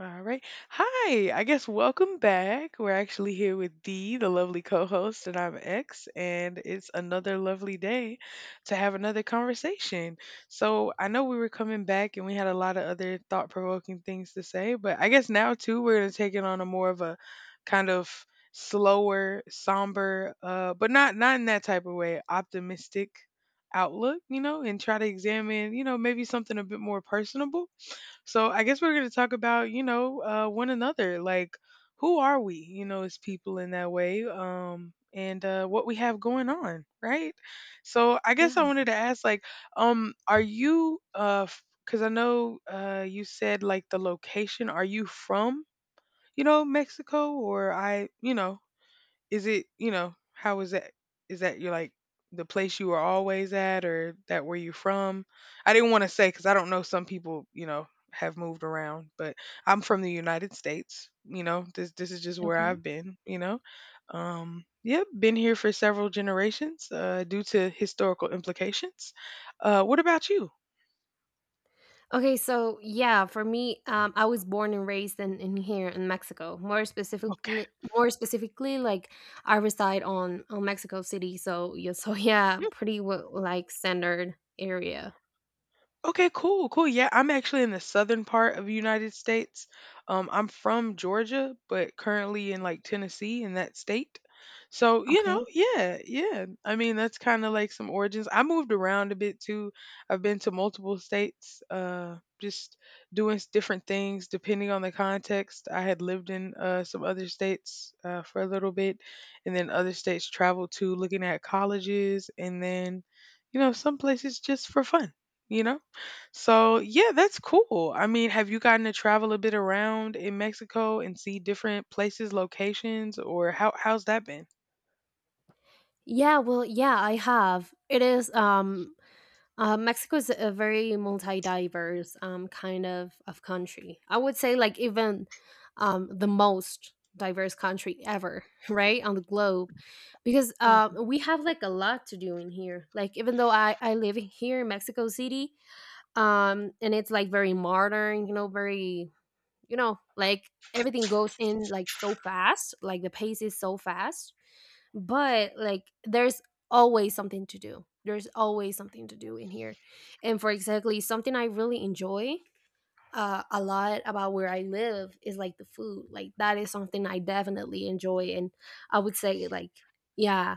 All right. Hi. I guess welcome back. We're actually here with Dee, the lovely co-host, and I'm X, and it's another lovely day to have another conversation. So I know we were coming back and we had a lot of other thought-provoking things to say, but I guess now too we're gonna take it on a more of a kind of slower, somber, but not in that type of way, optimistic outlook, you know, and try to examine, you know, maybe something a bit more personable so I guess we're going to talk about, you know, one another. Like, who are we, you know, as people in that way? And what we have going on, right? So I guess I Yeah. wanted to ask, like, are you, because I know you said like the location, are you from, you know, Mexico or I, you know, is it, you know, how is that? Is that you're like the place you were always at or that where you're from? I didn't want to say because I don't know some people, you know, have moved around, but I'm from the United States, you know, this is just where Okay. I've been, you know. Yeah, been here for several generations, due to historical implications. What about you? Okay. So yeah, for me, I was born and raised in, here in Mexico. More Okay. specifically, like I reside on Mexico City. So yeah, so yeah, pretty like standard area. Okay, cool, cool. Yeah, I'm actually in the southern part of the United States. I'm from Georgia, but currently in like Tennessee in that state. So, you know, Okay. yeah, yeah. I mean, that's kind of like some origins. I moved around a bit too. I've been to multiple states, just different things depending on the context. I had lived in some other states for a little bit, and then other states traveled to looking at colleges, and then, you know, some places just for fun, you know? So, yeah, that's cool. I mean, have you gotten to travel a bit around in Mexico and see different places, locations, or how's that been? Yeah. Well, yeah, I have. It is. Mexico is a very multi-diverse kind of country. I would say like even the most diverse country ever, right, on the globe, because Mhm. we have like a lot to do in here. Like even though I live here in Mexico City, and it's like very modern, you know, very, you know, like everything goes in like so fast, like the pace is so fast, but like there's always something to do there's always something to do in here. And for exactly something I really enjoy, a lot about where I live is like the food, like that is something I definitely enjoy. And I would say like, yeah,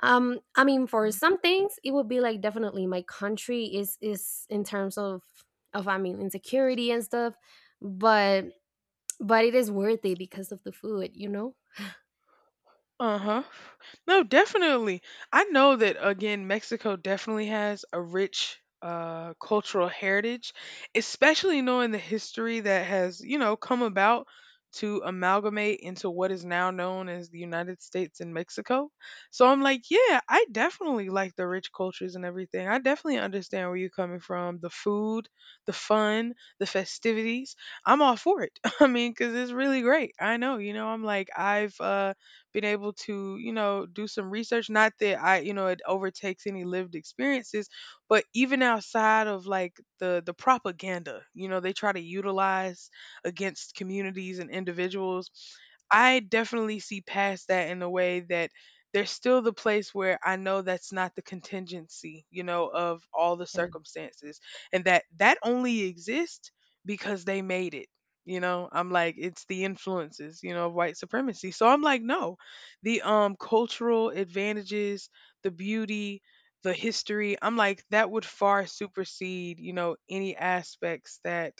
um, I mean, for some things it would be like, definitely my country is in terms of, I mean, insecurity and stuff, but it is worth it because of the food, you know? Uh-huh. No, definitely. I know that again, Mexico definitely has a rich cultural heritage, especially knowing the history that has, you know, come about to amalgamate into what is now known as the United States and Mexico. So I'm like, yeah, I definitely like the rich cultures and everything. I definitely understand where you're coming from, the food, the fun, the festivities. I'm all for it. I mean, cuz it's really great. I know, you know, I'm like I've been able to, you know, do some research. Not that I, you know, it overtakes any lived experiences, but even outside of like the propaganda, you know, they try to utilize against communities and individuals. I definitely see past that in a way that there's still the place where I know that's not the contingency, you know, of all the Yeah. circumstances and that only exists because they made it. You know, I'm like, it's the influences, you know, of white supremacy. So I'm like, no, the cultural advantages, the beauty, the history. I'm like that would far supersede, you know, any aspects that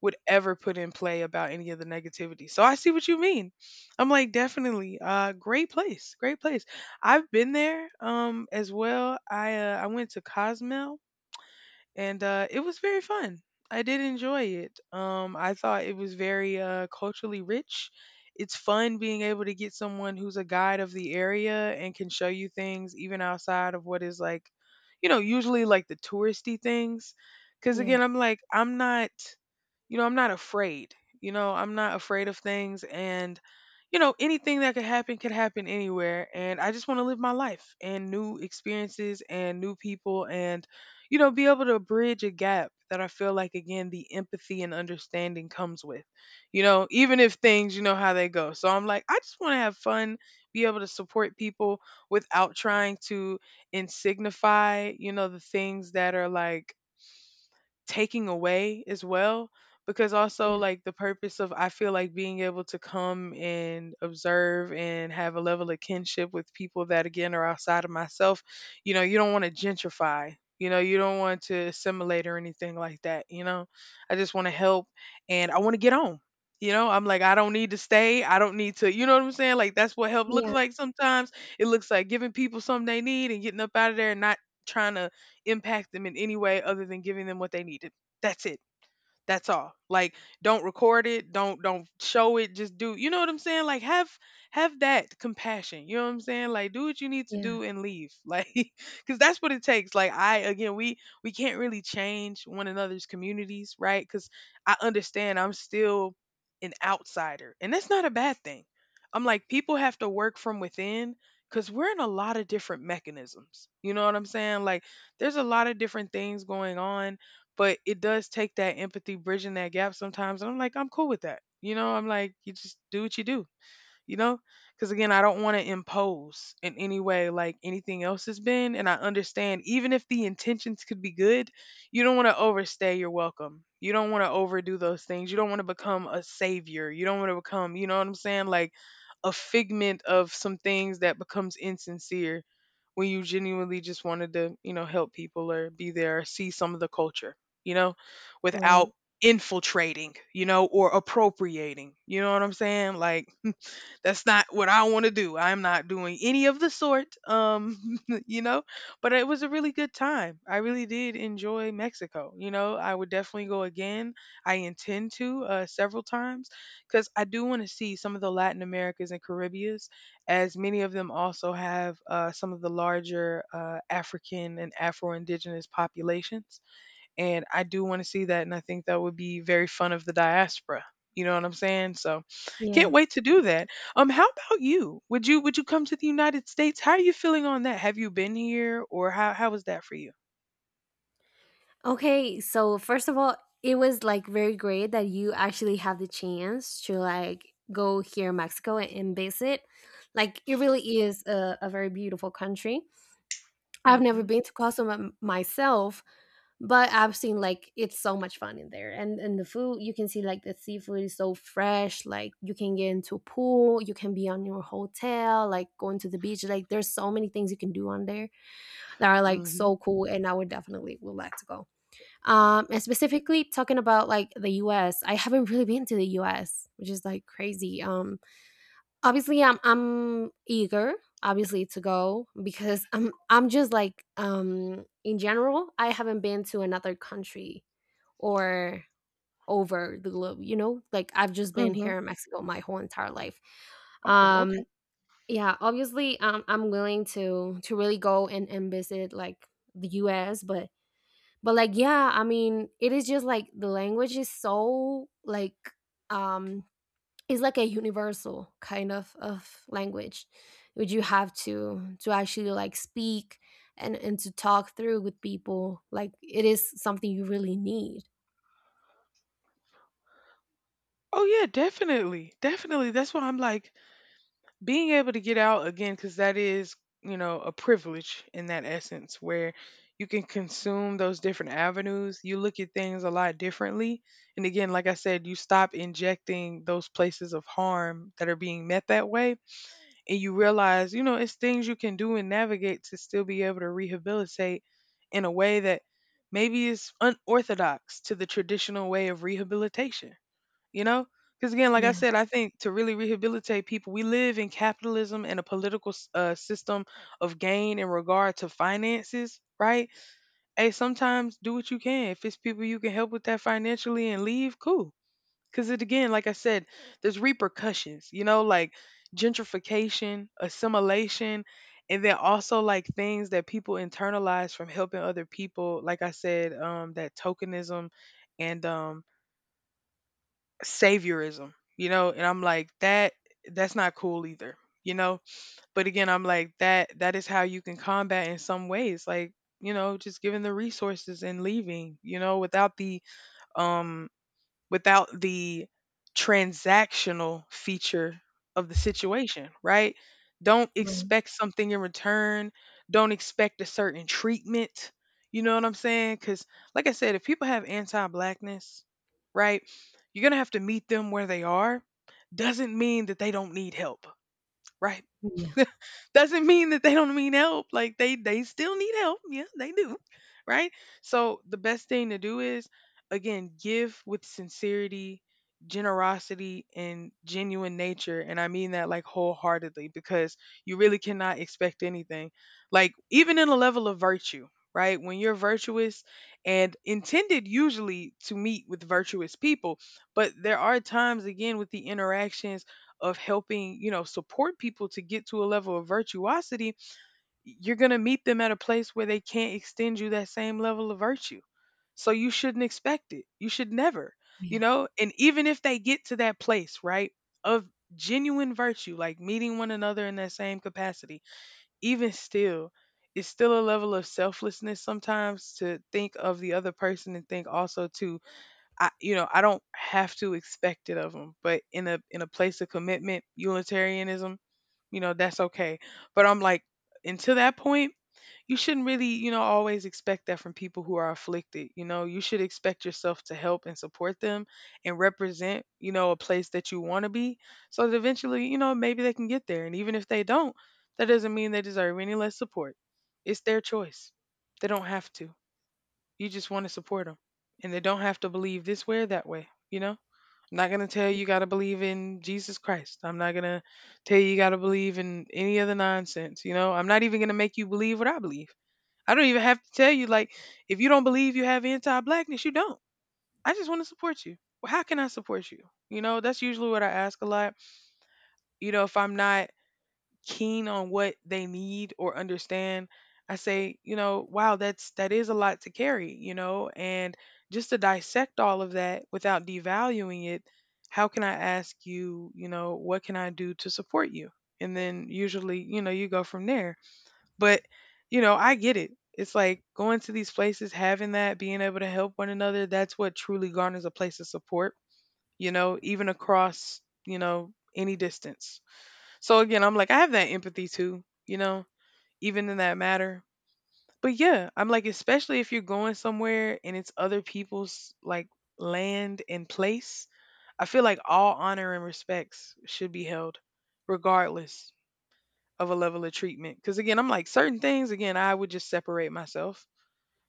would ever put in play about any of the negativity. So I see what you mean. I'm like definitely great place, great place. I've been there as well. I went to Cozumel and it was very fun. I did enjoy it. I thought it was very culturally rich. It's fun being able to get someone who's a guide of the area and can show you things even outside of what is like, you know, usually like the touristy things. Because Yeah. again, I'm like, I'm not, you know, I'm not afraid. You know, I'm not afraid of things. And, you know, anything that could happen anywhere. And I just want to live my life and new experiences and new people. And you know, be able to bridge a gap that I feel like, again, the empathy and understanding comes with, you know, even if things, you know, how they go. So I'm like, I just want to have fun, be able to support people without trying to insignify, you know, the things that are like, taking away as well because also Yeah. like the purpose of I feel like being able to come and observe and have a level of kinship with people that again are outside of myself, you know, you don't want to gentrify. You know, you don't want to assimilate or anything like that, you know. I just want to help and I want to get on. You know, I'm like I don't need to stay. I don't need to, you know what I'm saying? Like that's what help looks Yeah, like sometimes. It looks like giving people something they need and getting up out of there and not trying to impact them in any way other than giving them what they needed. That's it. That's all. Like don't record it, don't show it, just do. You know what I'm saying? Like have that compassion. You know what I'm saying? Like do what you need to yeah. do and leave. Like cuz that's what it takes. Like I again, we can't really change one another's communities, right? Cuz I understand I'm still an outsider. And that's not a bad thing. I'm like people have to work from within cuz we're in a lot of different mechanisms. You know what I'm saying? Like there's a lot of different things going on but it does take that empathy, bridging that gap sometimes. And I'm like, I'm cool with that. You know, I'm like, you just do what you do you know? Because again, I don't want to impose in any way like anything else has been. And I understand, even if the intentions could be good, you don't want to overstay your welcome. You don't want to overdo those things. You don't want to become a savior. You don't want to become, you know what I'm saying? Like a figment of some things that becomes insincere when you genuinely just wanted to, you know, help people or be there, or see some of the culture, you know, without Right. infiltrating, you know, or appropriating. You know what I'm saying? Like that's not what I want to do. I'm not doing any of the sort, you know. But it was a really good time. I really did enjoy Mexico. You know, I would definitely go again. I intend to several times because I do want to see some of the Latin Americas and Caribbeans, as many of them also have some of the larger African and Afro Indigenous populations and I do want to see that, and I think that would be very fun of the diaspora. You know what I'm saying? So, can't Yeah. wait to do that. How about you? Would you come to the United States? How are you feeling on that? Have you been here, or how was that for you? Okay, so first of all, it was like very great that you actually have the chance to like go here in Mexico and visit. Like it really is a very beautiful country. I've never Mm-hmm. been to Cozumel myself. But I've seen like it's so much fun in there, and the food, you can see like the seafood is so fresh. Like you can get into a pool, you can be on your hotel, like going to the beach. Like there's so many things you can do on there that are like Mm-hmm. so cool, and I would definitely would like to go. And specifically talking about like the U.S., I haven't really been to the U.S., which is like crazy. Obviously I'm eager, obviously, to go because I'm just like, um, in general I haven't been to another country or over the globe, you know? Like I've just been Mm-hmm. here in Mexico my whole entire life. Oh, Um, okay. yeah, obviously, I'm willing to really go and visit like the U.S., but like yeah, I mean, it is just like the language is so like, um, it's like a universal kind of language which you have to actually like speak and to talk through with people. Like it is something you really need. Oh yeah, definitely, definitely. That's why I'm like, being able to get out again because that is you know a privilege in that essence where you can consume those different avenues you look at things a lot differently and again like I said you stop injecting those places of harm that are being met that way and you realize you know it's things you can do and navigate to still be able to rehabilitate in a way that maybe is unorthodox to the traditional way of rehabilitation you know because again like I Yeah. said I think to really rehabilitate people we live in capitalism and a political system of gain in regard to finances right hey sometimes do what you can if it's people you can help with that financially and leave cool because it again like I said there's repercussions you know like gentrification assimilation and then also like things that people internalize from helping other people like I said that tokenism and saviorism, you know, and I'm like that's not cool either, you know. But again, I'm like that that is how you can combat in some ways, like you know, just giving the resources and leaving, you know, without the um without the transactional feature of the situation, right? Don't expect something in return. Don't expect a certain treatment. You know what I'm saying? Because, like I said, if people have anti blackness, right, you're going to have to meet them where they are. Doesn't mean that they don't need help. Right. Yeah, Doesn't mean that they don't mean help. Like they still need help. Yeah, they do. Right? So the best thing to do is, again, give with sincerity, generosity and genuine nature, and I mean that like wholeheartedly because you really cannot expect anything. Like even in a level of virtue, right? When you're virtuous and intended usually to meet with virtuous people, but there are times again with the interactions of helping, you know, support people to get to a level of virtuosity, you're going to meet them at a place where they can't extend you that same level of virtue. So you shouldn't expect it. You should never, you yeah. know, and even if they get to that place, right, of genuine virtue, like meeting one another in that same capacity, even still, it's still a level of selflessness sometimes to think of the other person and think also to, I you know, I don't have to expect it of them, but in a place of commitment, Unitarianism, you know, that's okay. But I'm like, until that point, you shouldn't really, you know, always expect that from people who are afflicted. You know, you should expect yourself to help and support them and represent, you know, a place that you want to be so that eventually, you know, maybe they can get there. And even if they don't, that doesn't mean they deserve any less support. It's their choice. They don't have to. You just want to support them. And they don't have to believe this way or that way, you know? I'm not going to tell you you got to believe in Jesus Christ. I'm not going to tell you you got to believe in any other nonsense, you know? I'm not even going to make you believe what I believe. I don't even have to tell you, like, if you don't believe you have anti blackness, you don't. I just want to support you. Well, how can I support you? You know, that's usually what I ask a lot. You know, if I'm not keen on what they need or understand, I say, you know, wow, that is a lot to carry, you know, and just to dissect all of that without devaluing it, how can I ask you, you know, what can I do to support you? And then usually, you know, you go from there. But, you know, I get it. It's like going to these places, having that, being able to help one another, that's what truly garners a place of support, you know, even across, you know, any distance. So again, I'm like, I have that empathy too, you know, even in that matter. But yeah, I'm like, especially if you're going somewhere and it's other people's like land and place, I feel like all honor and respects should be held, regardless of a level of treatment. Because again, I'm like, certain things, again, I would just separate myself.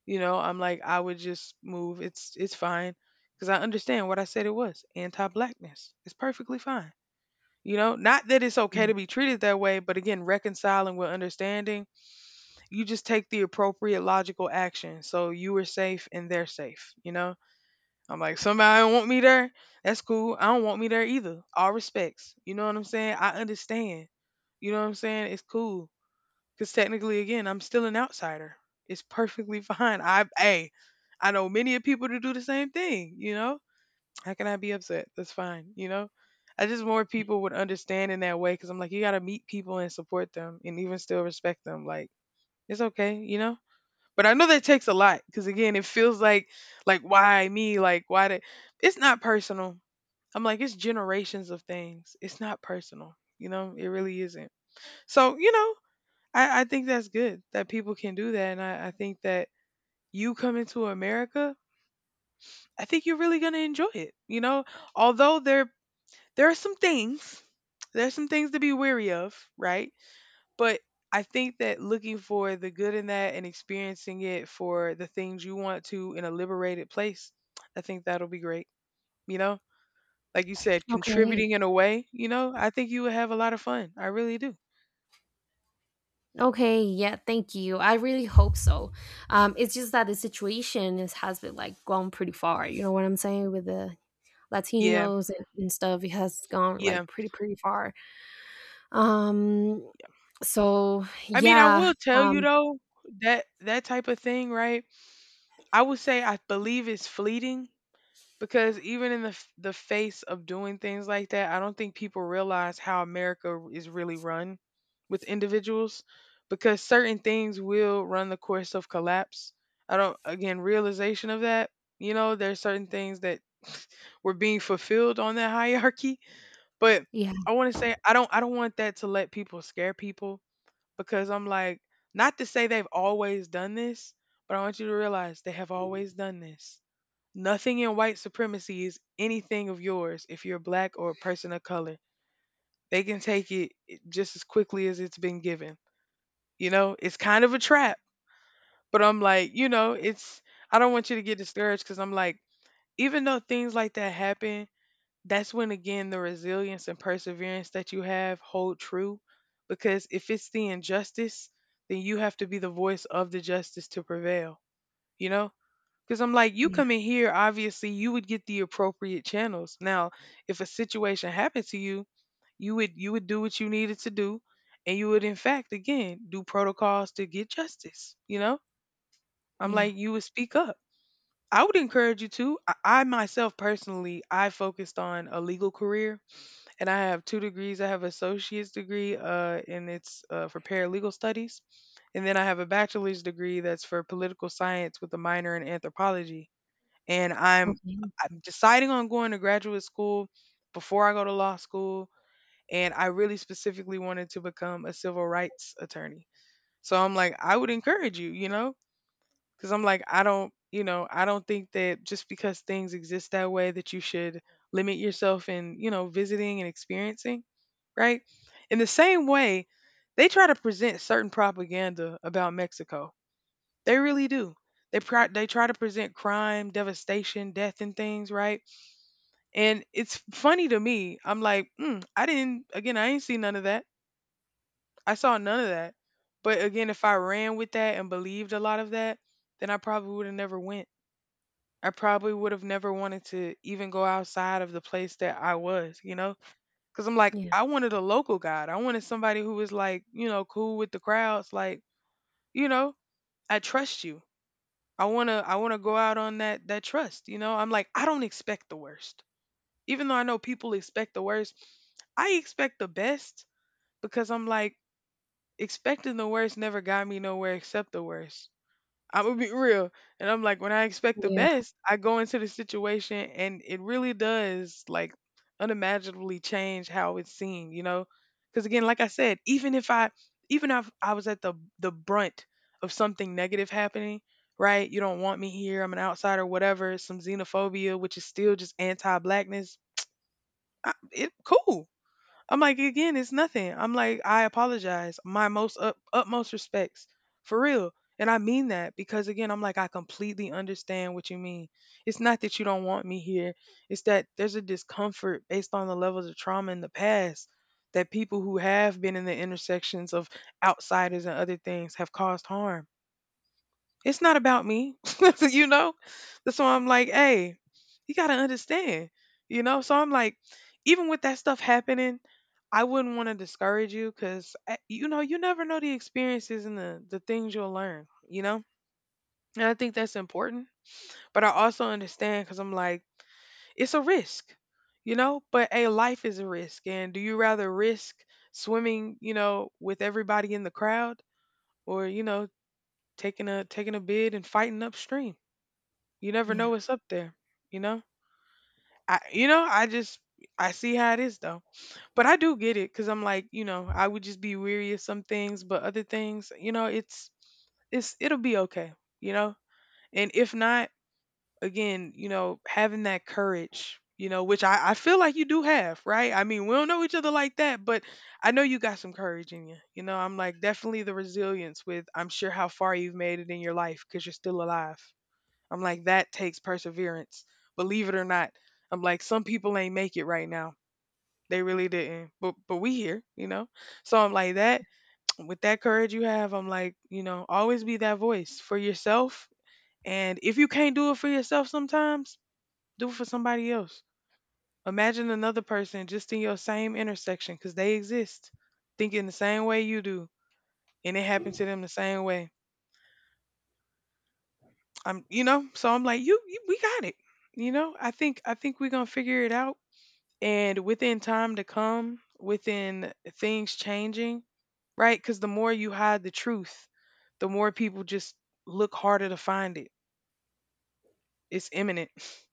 You know, I'm like, I would just move. It's fine. Because I understand what I said it was. Anti blackness. It's perfectly fine. You know, not that it's okay to be treated that way, but again, reconciling with understanding, you just take the appropriate logical action. So you are safe and they're safe, you know? I'm like, somebody don't want me there. That's cool. I don't want me there either. All respects. You know what I'm saying? I understand. You know what I'm saying? It's cool. Cause technically, again, I'm still an outsider. It's perfectly fine. I, hey, I know many of people to do the same thing, you know? How can I be upset? That's fine, you know? I just more people would understand in that way because I'm like, you got to meet people and support them and even still respect them. Like, it's okay, you know? But I know that takes a lot because again, it feels like, why me? Like, why did, it's not personal. I'm like, it's generations of things. It's not personal, you know? It really isn't. So, you know, I think that's good that people can do that. And I think that you come into America, I think you're really going to enjoy it, you know? Although there are some things, there's some things to be weary of, right? But I think that looking for the good in that and experiencing it for the things you want to in a liberated place, I think that'll be great, you know, like you said, Okay. contributing in a way, you know, I think you would have a lot of fun. I really do. Okay, yeah, thank you. I really hope so. It's just that the situation is, has been like gone pretty far. You know what I'm saying, with the Yeah, Latinos and stuff. It has gone yeah. like pretty far. Um, so I mean, I yeah, will tell you um, though that that type of thing, right, I would say I believe it's fleeting because even in the face of doing things like that, I don't think people realize how America is really run with individuals because certain things will run the course of collapse. I don't, again, realization of that. You know, there's certain things that were being fulfilled on that hierarchy, but yeah, I want to say I don't want that to let people scare people because I'm like, not to say they've always done this, but I want you to realize they have always done this. Nothing in white supremacy is anything of yours if you're black or a person of color. They can take it just as quickly as it's been given. You know, it's kind of a trap, but I'm like, you know, it's, I don't want you to get discouraged because I'm like, even though things like that happen, that's when again the resilience and perseverance that you have hold true. Because if it's the injustice, then you have to be the voice of the justice to prevail, you know? Because I'm like, you yeah, come in here, obviously, you would get the appropriate channels. Now, if a situation happened to you, you would do what you needed to do, and you would, in fact, again, do protocols to get justice. You know, I'm yeah. like, you would speak up. I would encourage you to. I myself personally, I focused on a legal career, and I have 2 degrees. I have associate's degree, and it's for paralegal studies, and then I have a bachelor's degree that's for political science with a minor in anthropology, and I'm Okay, I'm deciding on going to graduate school before I go to law school, and I really specifically wanted to become a civil rights attorney. So I'm like I would encourage you, you know, cuz I'm like I don't, you know, I don't think that just because things exist that way that you should limit yourself in, you know, visiting and experiencing, right? In the same way, they try to present certain propaganda about Mexico, they really do. They they try to present crime, devastation, death, and things, right? And it's funny to me. I'm like, mm, I didn't. Again, I ain't see none of that. I saw none of that. But again, if I ran with that and believed a lot of that, then I probably would have never went. I probably would have never wanted to even go outside of the place that I was, you know? Because I'm like, yeah, I wanted a local guide. I wanted somebody who was like, you know, cool with the crowds. Like, you know, I trust you. I want to go out on that trust, you know? I'm like I don't expect the worst. Even though I know people expect the worst, I expect the best because I'm like expecting the worst never got me nowhere except the worst. I'm gonna be real. And I'm like, when I expect the yeah, best, I go into the situation and it really does like unimaginably change how it's seen, you know? Because again, like I said, even if I was at the brunt of something negative happening, right? You don't want me here. I'm an outsider, whatever. Some xenophobia, which is still just anti-blackness. It cool. I'm like, again, it's nothing. I'm like, I apologize. My most utmost respects, for real. And I mean that because again, I'm like, I completely understand what you mean. It's not that you don't want me here. It's that there's a discomfort based on the levels of trauma in the past that people who have been in the intersections of outsiders and other things have caused harm. It's not about me. You know? So I'm like, hey, you gotta understand. You know? So I'm like, even with that stuff happening, I wouldn't want to discourage you because, you know, you never know the experiences and the things you'll learn, you know? And I think that's important. But I also understand because I'm like, it's a risk, you know? But a life is a risk. And do you rather risk swimming, you know, with everybody in the crowd or, you know, taking a bid and fighting upstream? You never know yeah, what's up there, you know? I you know, I just I see how it is though. But I do get it cuz I'm like, I would just be weary of some things, but other things, it'll be okay, you know? And if not, again, having that courage, which I feel like you do have, right? I mean, we don't know each other like that, but I know you got some courage in you. You know, I'm like definitely the resilience with I'm sure how far you've made it in your life cuz you're still alive. I'm like, that takes perseverance. Believe it or not. I'm like, some people ain't make it right now. They really didn't. But we here? So I'm like that with that courage you have, I'm like, always be that voice for yourself. And if you can't do it for yourself sometimes, do it for somebody else. Imagine another person just in your same intersection because they exist, thinking the same way you do, and it happened to them the same way. So I'm like, you we got it. You know, I think we're gonna figure it out and within time to come, within things changing, right? Because the more you hide the truth, the more people just look harder to find it. It's imminent.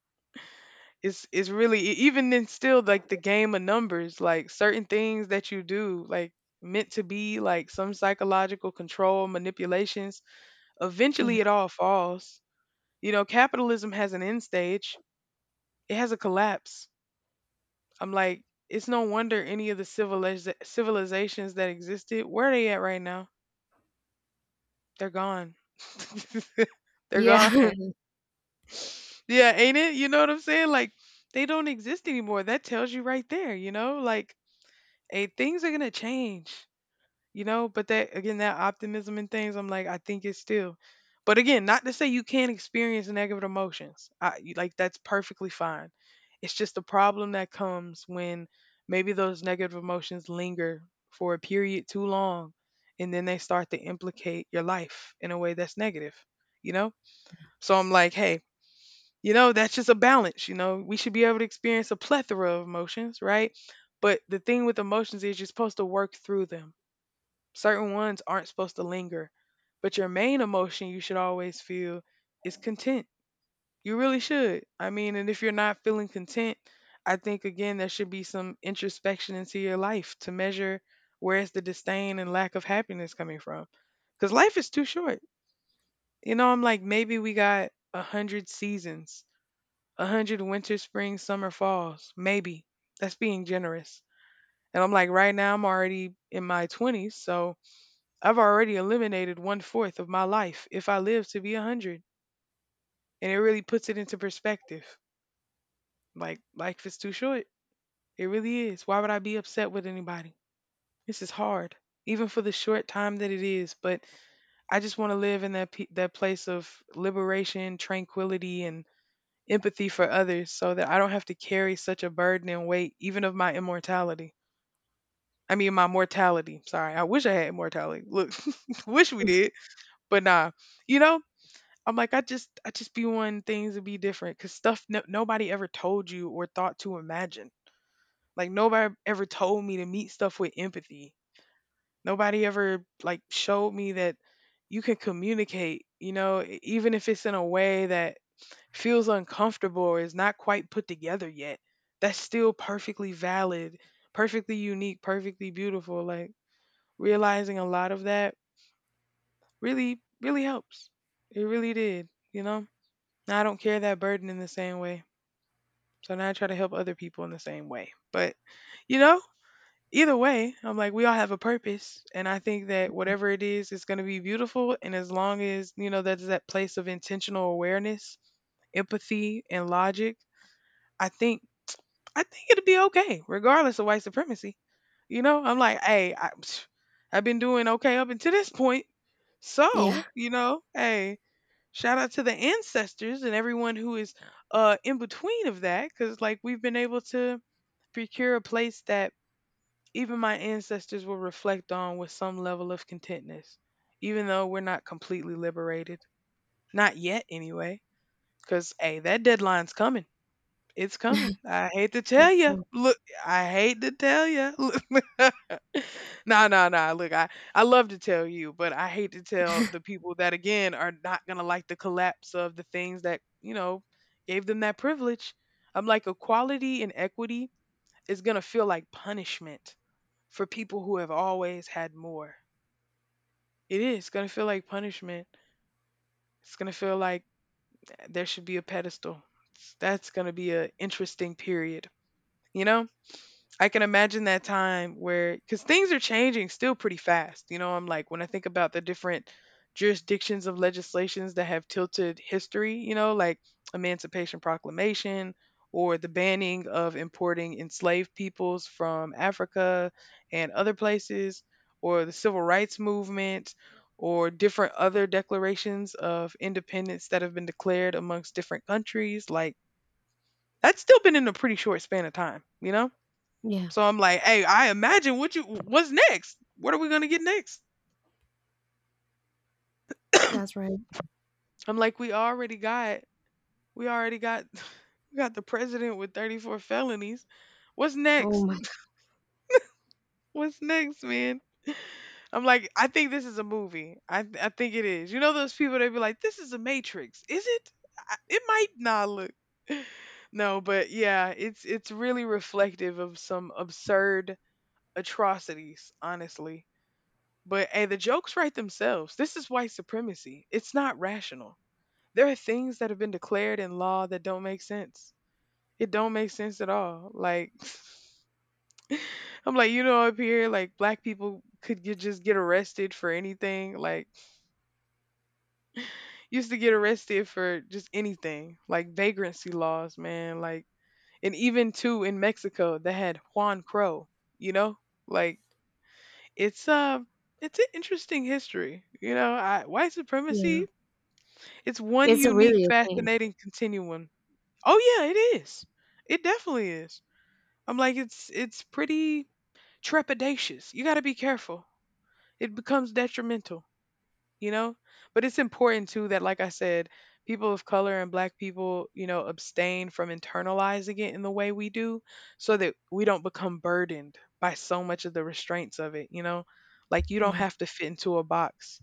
It's really even then still like the game of numbers, like certain things that you do, like meant to be like some psychological control manipulations. yeah, Eventually, it all falls. You know, capitalism has an end stage. It has a collapse. I'm like, it's no wonder any of the civilizations that existed, where are they at right now? They're gone. They're yeah, gone. Yeah, ain't it? You know what I'm saying? Like, they don't exist anymore. That tells you right there, you know? Like, hey, things are going to change. You know, but that again that optimism and things, I'm like, I think it's still. But again, not to say you can't experience negative emotions, like that's perfectly fine. It's just the problem that comes when maybe those negative emotions linger for a period too long, and then they start to implicate your life in a way that's negative, you know? So I'm like, hey, that's just a balance. We should be able to experience a plethora of emotions, right? But the thing with emotions is you're supposed to work through them. Certain ones aren't supposed to linger, but your main emotion you should always feel is content. You really should. I mean, and if you're not feeling content, I think again there should be some introspection into your life to measure where's the disdain and lack of happiness coming from. Because life is too short. You know, I'm like, maybe we got 100 seasons, 100 winter, spring, summer, falls. Maybe. That's being generous. And I'm like, right now I'm already in my 20s, so I've already eliminated one fourth of my life if I live to be 100. And it really puts it into perspective. Like life is too short. It really is. Why would I be upset with anybody? This is hard, even for the short time that it is. But I just want to live in that place of liberation, tranquility, and empathy for others, so that I don't have to carry such a burden and weight, even of my immortality. I mean, my mortality. Sorry, I wish I had immortality. Look, wish we did, but nah. You know, I'm like, I just be wanting things to be different because stuff no, nobody ever told you or thought to imagine. Like nobody ever told me to meet stuff with empathy. Nobody ever like showed me that you can communicate, you know, even if it's in a way that feels uncomfortable or is not quite put together yet. That's still perfectly valid, perfectly unique, perfectly beautiful. Like realizing a lot of that really, really helps. It really did, you know? Now I don't carry that burden in the same way. So now I try to help other people in the same way. But, you know, either way, I'm like, we all have a purpose. And I think that whatever it is, it's going to be beautiful. And as long as, you know, that's that place of intentional awareness, empathy, and logic, I think, I think it'll be okay, regardless of white supremacy. You know, I'm like, hey, I've been doing okay up until this point. yeah. So, you know, hey, shout out to the ancestors and everyone who is in between of that because like we've been able to procure a place that even my ancestors will reflect on with some level of contentness, even though we're not completely liberated. Not yet anyway, because hey, that deadline's coming. It's coming. I hate to tell That's you. right. Look, I hate to tell you. No, no, no. Look, I love to tell you, but I hate to tell the people that again are not gonna like the collapse of the things that you know gave them that privilege. I'm like equality and equity is gonna feel like punishment for people who have always had more. It is gonna feel like punishment. It's gonna feel like, eh, there should be a pedestal. That's gonna be an interesting period, you know. I can imagine that time where, because things are changing still pretty fast. You know, I'm like, when I think about the different jurisdictions of legislations that have tilted history, you know, like Emancipation Proclamation or the banning of importing enslaved peoples from Africa and other places, or the Civil Rights Movement, or different other declarations of independence that have been declared amongst different countries, like that's still been in a pretty short span of time, you know? Yeah, So I'm like, hey, I imagine what you what's next? What are we gonna get next? that's right. I'm like, we already got we got the president with 34 felonies. What's Oh next? my, What's next, man? I'm like, I think this is a movie. I think it is. You know those people that be like, this is a Matrix. Is it? It might not look. No, but yeah, it's really reflective of some absurd atrocities, honestly. But hey, the jokes write themselves. This is white supremacy. It's not rational. There are things that have been declared in law that don't make sense. It don't make sense at all. Like I'm like, you know, up here, like black people could just get arrested for anything. Like used to get arrested for just anything. Like vagrancy laws, man. Like and even too in Mexico they had Juan Crow, you know? Like it's uh it's an interesting history. You know, white yeah. supremacy. It's one It's a unique, really a thing. fascinating continuum. Oh yeah, it is. It definitely is. I'm like it's pretty trepidatious. You got to be careful. It becomes detrimental, you know? But it's important too that like I said, people of color and black people, you know, abstain from internalizing it in the way we do so that we don't become burdened by so much of the restraints of it, you know? Like you don't Yeah, have to fit into a box.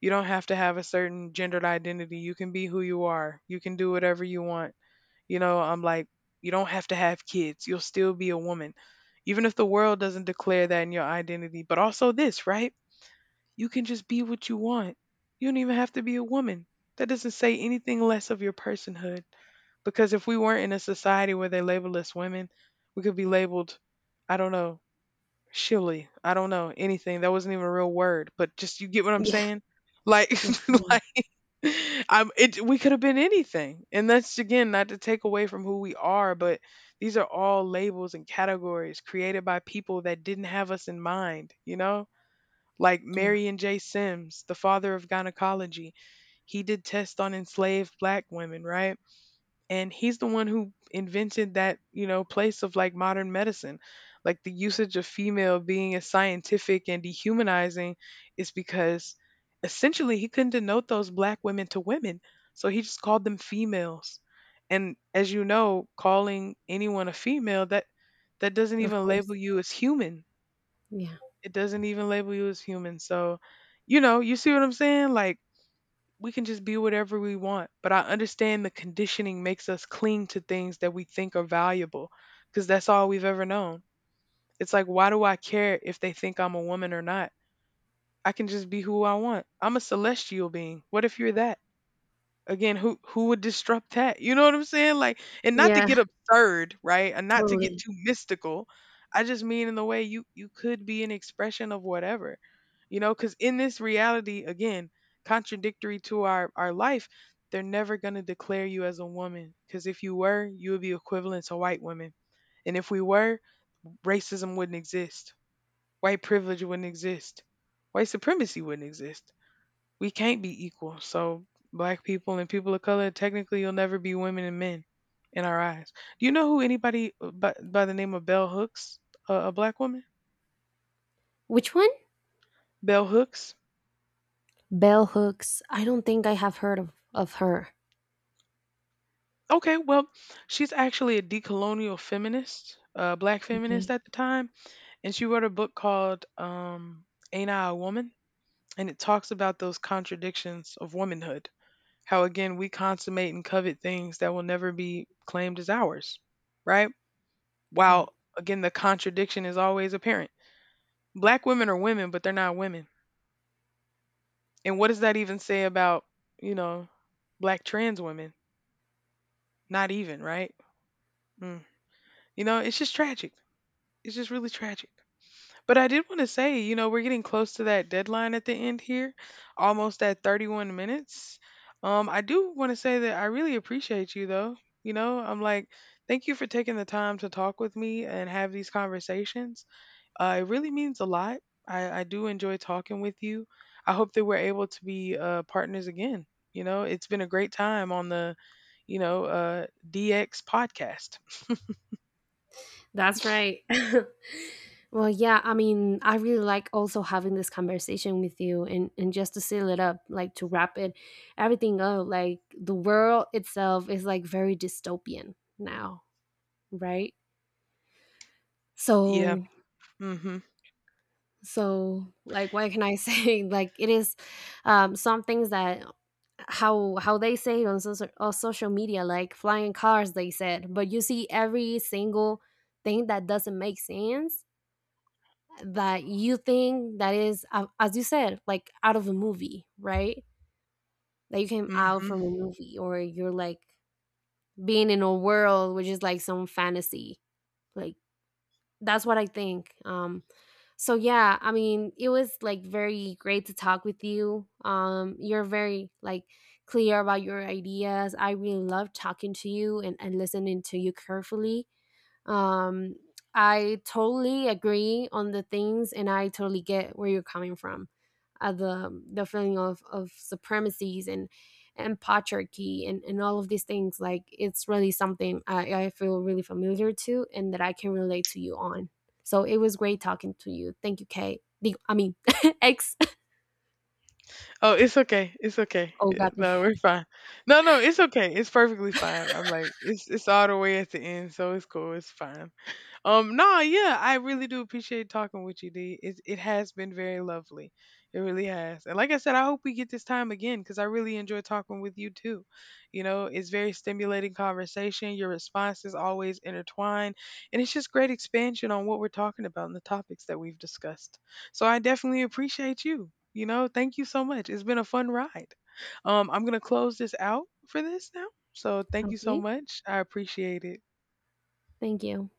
You don't have to have a certain gendered identity. You can be who you are. You can do whatever you want. You know, I'm like, you don't have to have kids. You'll still be a woman. Even if the world doesn't declare that in your identity, but also this, right? You can just be what you want. You don't even have to be a woman. That doesn't say anything less of your personhood. Because if we weren't in a society where they label us women, we could be labeled, I don't know, shilly. I don't know, anything. That wasn't even a real word, but just you get what I'm yeah, saying? Like, yeah, I'm it we could have been anything. And that's again not to take away from who we are, but these are all labels and categories created by people that didn't have us in mind, you know? Like yeah. Marion J. Sims, the father of gynecology. He did tests on enslaved black women, right? And he's the one who invented that, you know, place of like modern medicine, like the usage of female being as scientific and dehumanizing is because essentially he couldn't denote those black women to women, so he just called them females. And as you know, calling anyone a female, that doesn't Of even label course. you as human. Yeah. It doesn't even label you as human. So you know, you see what I'm saying? Like, we can just be whatever we want. But I understand the conditioning makes us cling to things that we think are valuable because that's all we've ever known. It's like, why do I care if they think I'm a woman or not? I can just be who I want. I'm a celestial being. What if you're that? Again, who would disrupt that, you know what I'm saying? Like, and not to Yeah, get absurd, right? And not to get totally. too mystical. I just mean in the way you could be an expression of whatever, you know, because in this reality, again, contradictory to our life, they're never going to declare you as a woman because if you were, you would be equivalent to white women. And if we were, racism wouldn't exist. White privilege wouldn't exist. White supremacy wouldn't exist. We can't be equal. So black people and people of color, technically, you'll never be women and men in our eyes. Do you know who anybody by the name of Bell Hooks, a black woman? Which one? Bell Hooks. Bell Hooks. I don't think I have heard of her. Okay, well, she's actually a decolonial feminist, a black feminist Okay. at the time, and she wrote a book called "Ain't I a Woman?" And it talks about those contradictions of womanhood. How again we consummate and covet things that will never be claimed as ours, right? Right. While again the contradiction is always apparent. Black women are women, but they're not women. And what does that even say about, you know, black trans women? Not even, right? Mm. You know, it's just tragic. It's just really tragic. But I did want to say, you know, we're getting close to that deadline at the end here, almost at 31 minutes. I do want to say that I really appreciate you, though. You know, I'm like, thank you for taking the time to talk with me and have these conversations. It really means a lot. I do enjoy talking with you. I hope that we're able to be partners again. You know, it's been a great time on the DX podcast. That's right. Well, yeah, I mean, I really like also having this conversation with you and just to seal it up, like to wrap it everything up, like the world itself is like very dystopian now, right? Yeah. So Mm-hmm. so like what can I say? Like it is, um, some things that, how they say it on social media, like flying cars, they said, but you see every single thing that doesn't make sense, that you think that is, as you said, like out of a movie, right? That you came out Mm-hmm. from a movie, or you're like being in a world which is like some fantasy, like, that's what I think. So yeah, I mean, it was like very great to talk with you. You're very like clear about your ideas. I really love talking to you and listening to you carefully. Um, I totally agree on the things, and I totally get where you're coming from. The feeling of supremacies and patriarchy and all of these things, like it's really something I feel really familiar to and that I can relate to you on. So it was great talking to you. Thank you, Kate. Digo- I mean, X. Oh, it's okay. It's okay. Oh Yeah, God. no, we're fine. No, no, it's okay. It's perfectly fine. I'm like, it's all the way at the end, so it's cool. It's fine. No, yeah, I really do appreciate talking with you, D. It has been very lovely. It really has. And like I said, I hope we get this time again because I really enjoy talking with you too. You know, it's very stimulating conversation. Your responses always intertwine. And it's just great expansion on what we're talking about and the topics that we've discussed. So I definitely appreciate you. You know, thank you so much. It's been a fun ride. I'm going to close this out for this now. So thank you so Okay. much. I appreciate it. Thank you.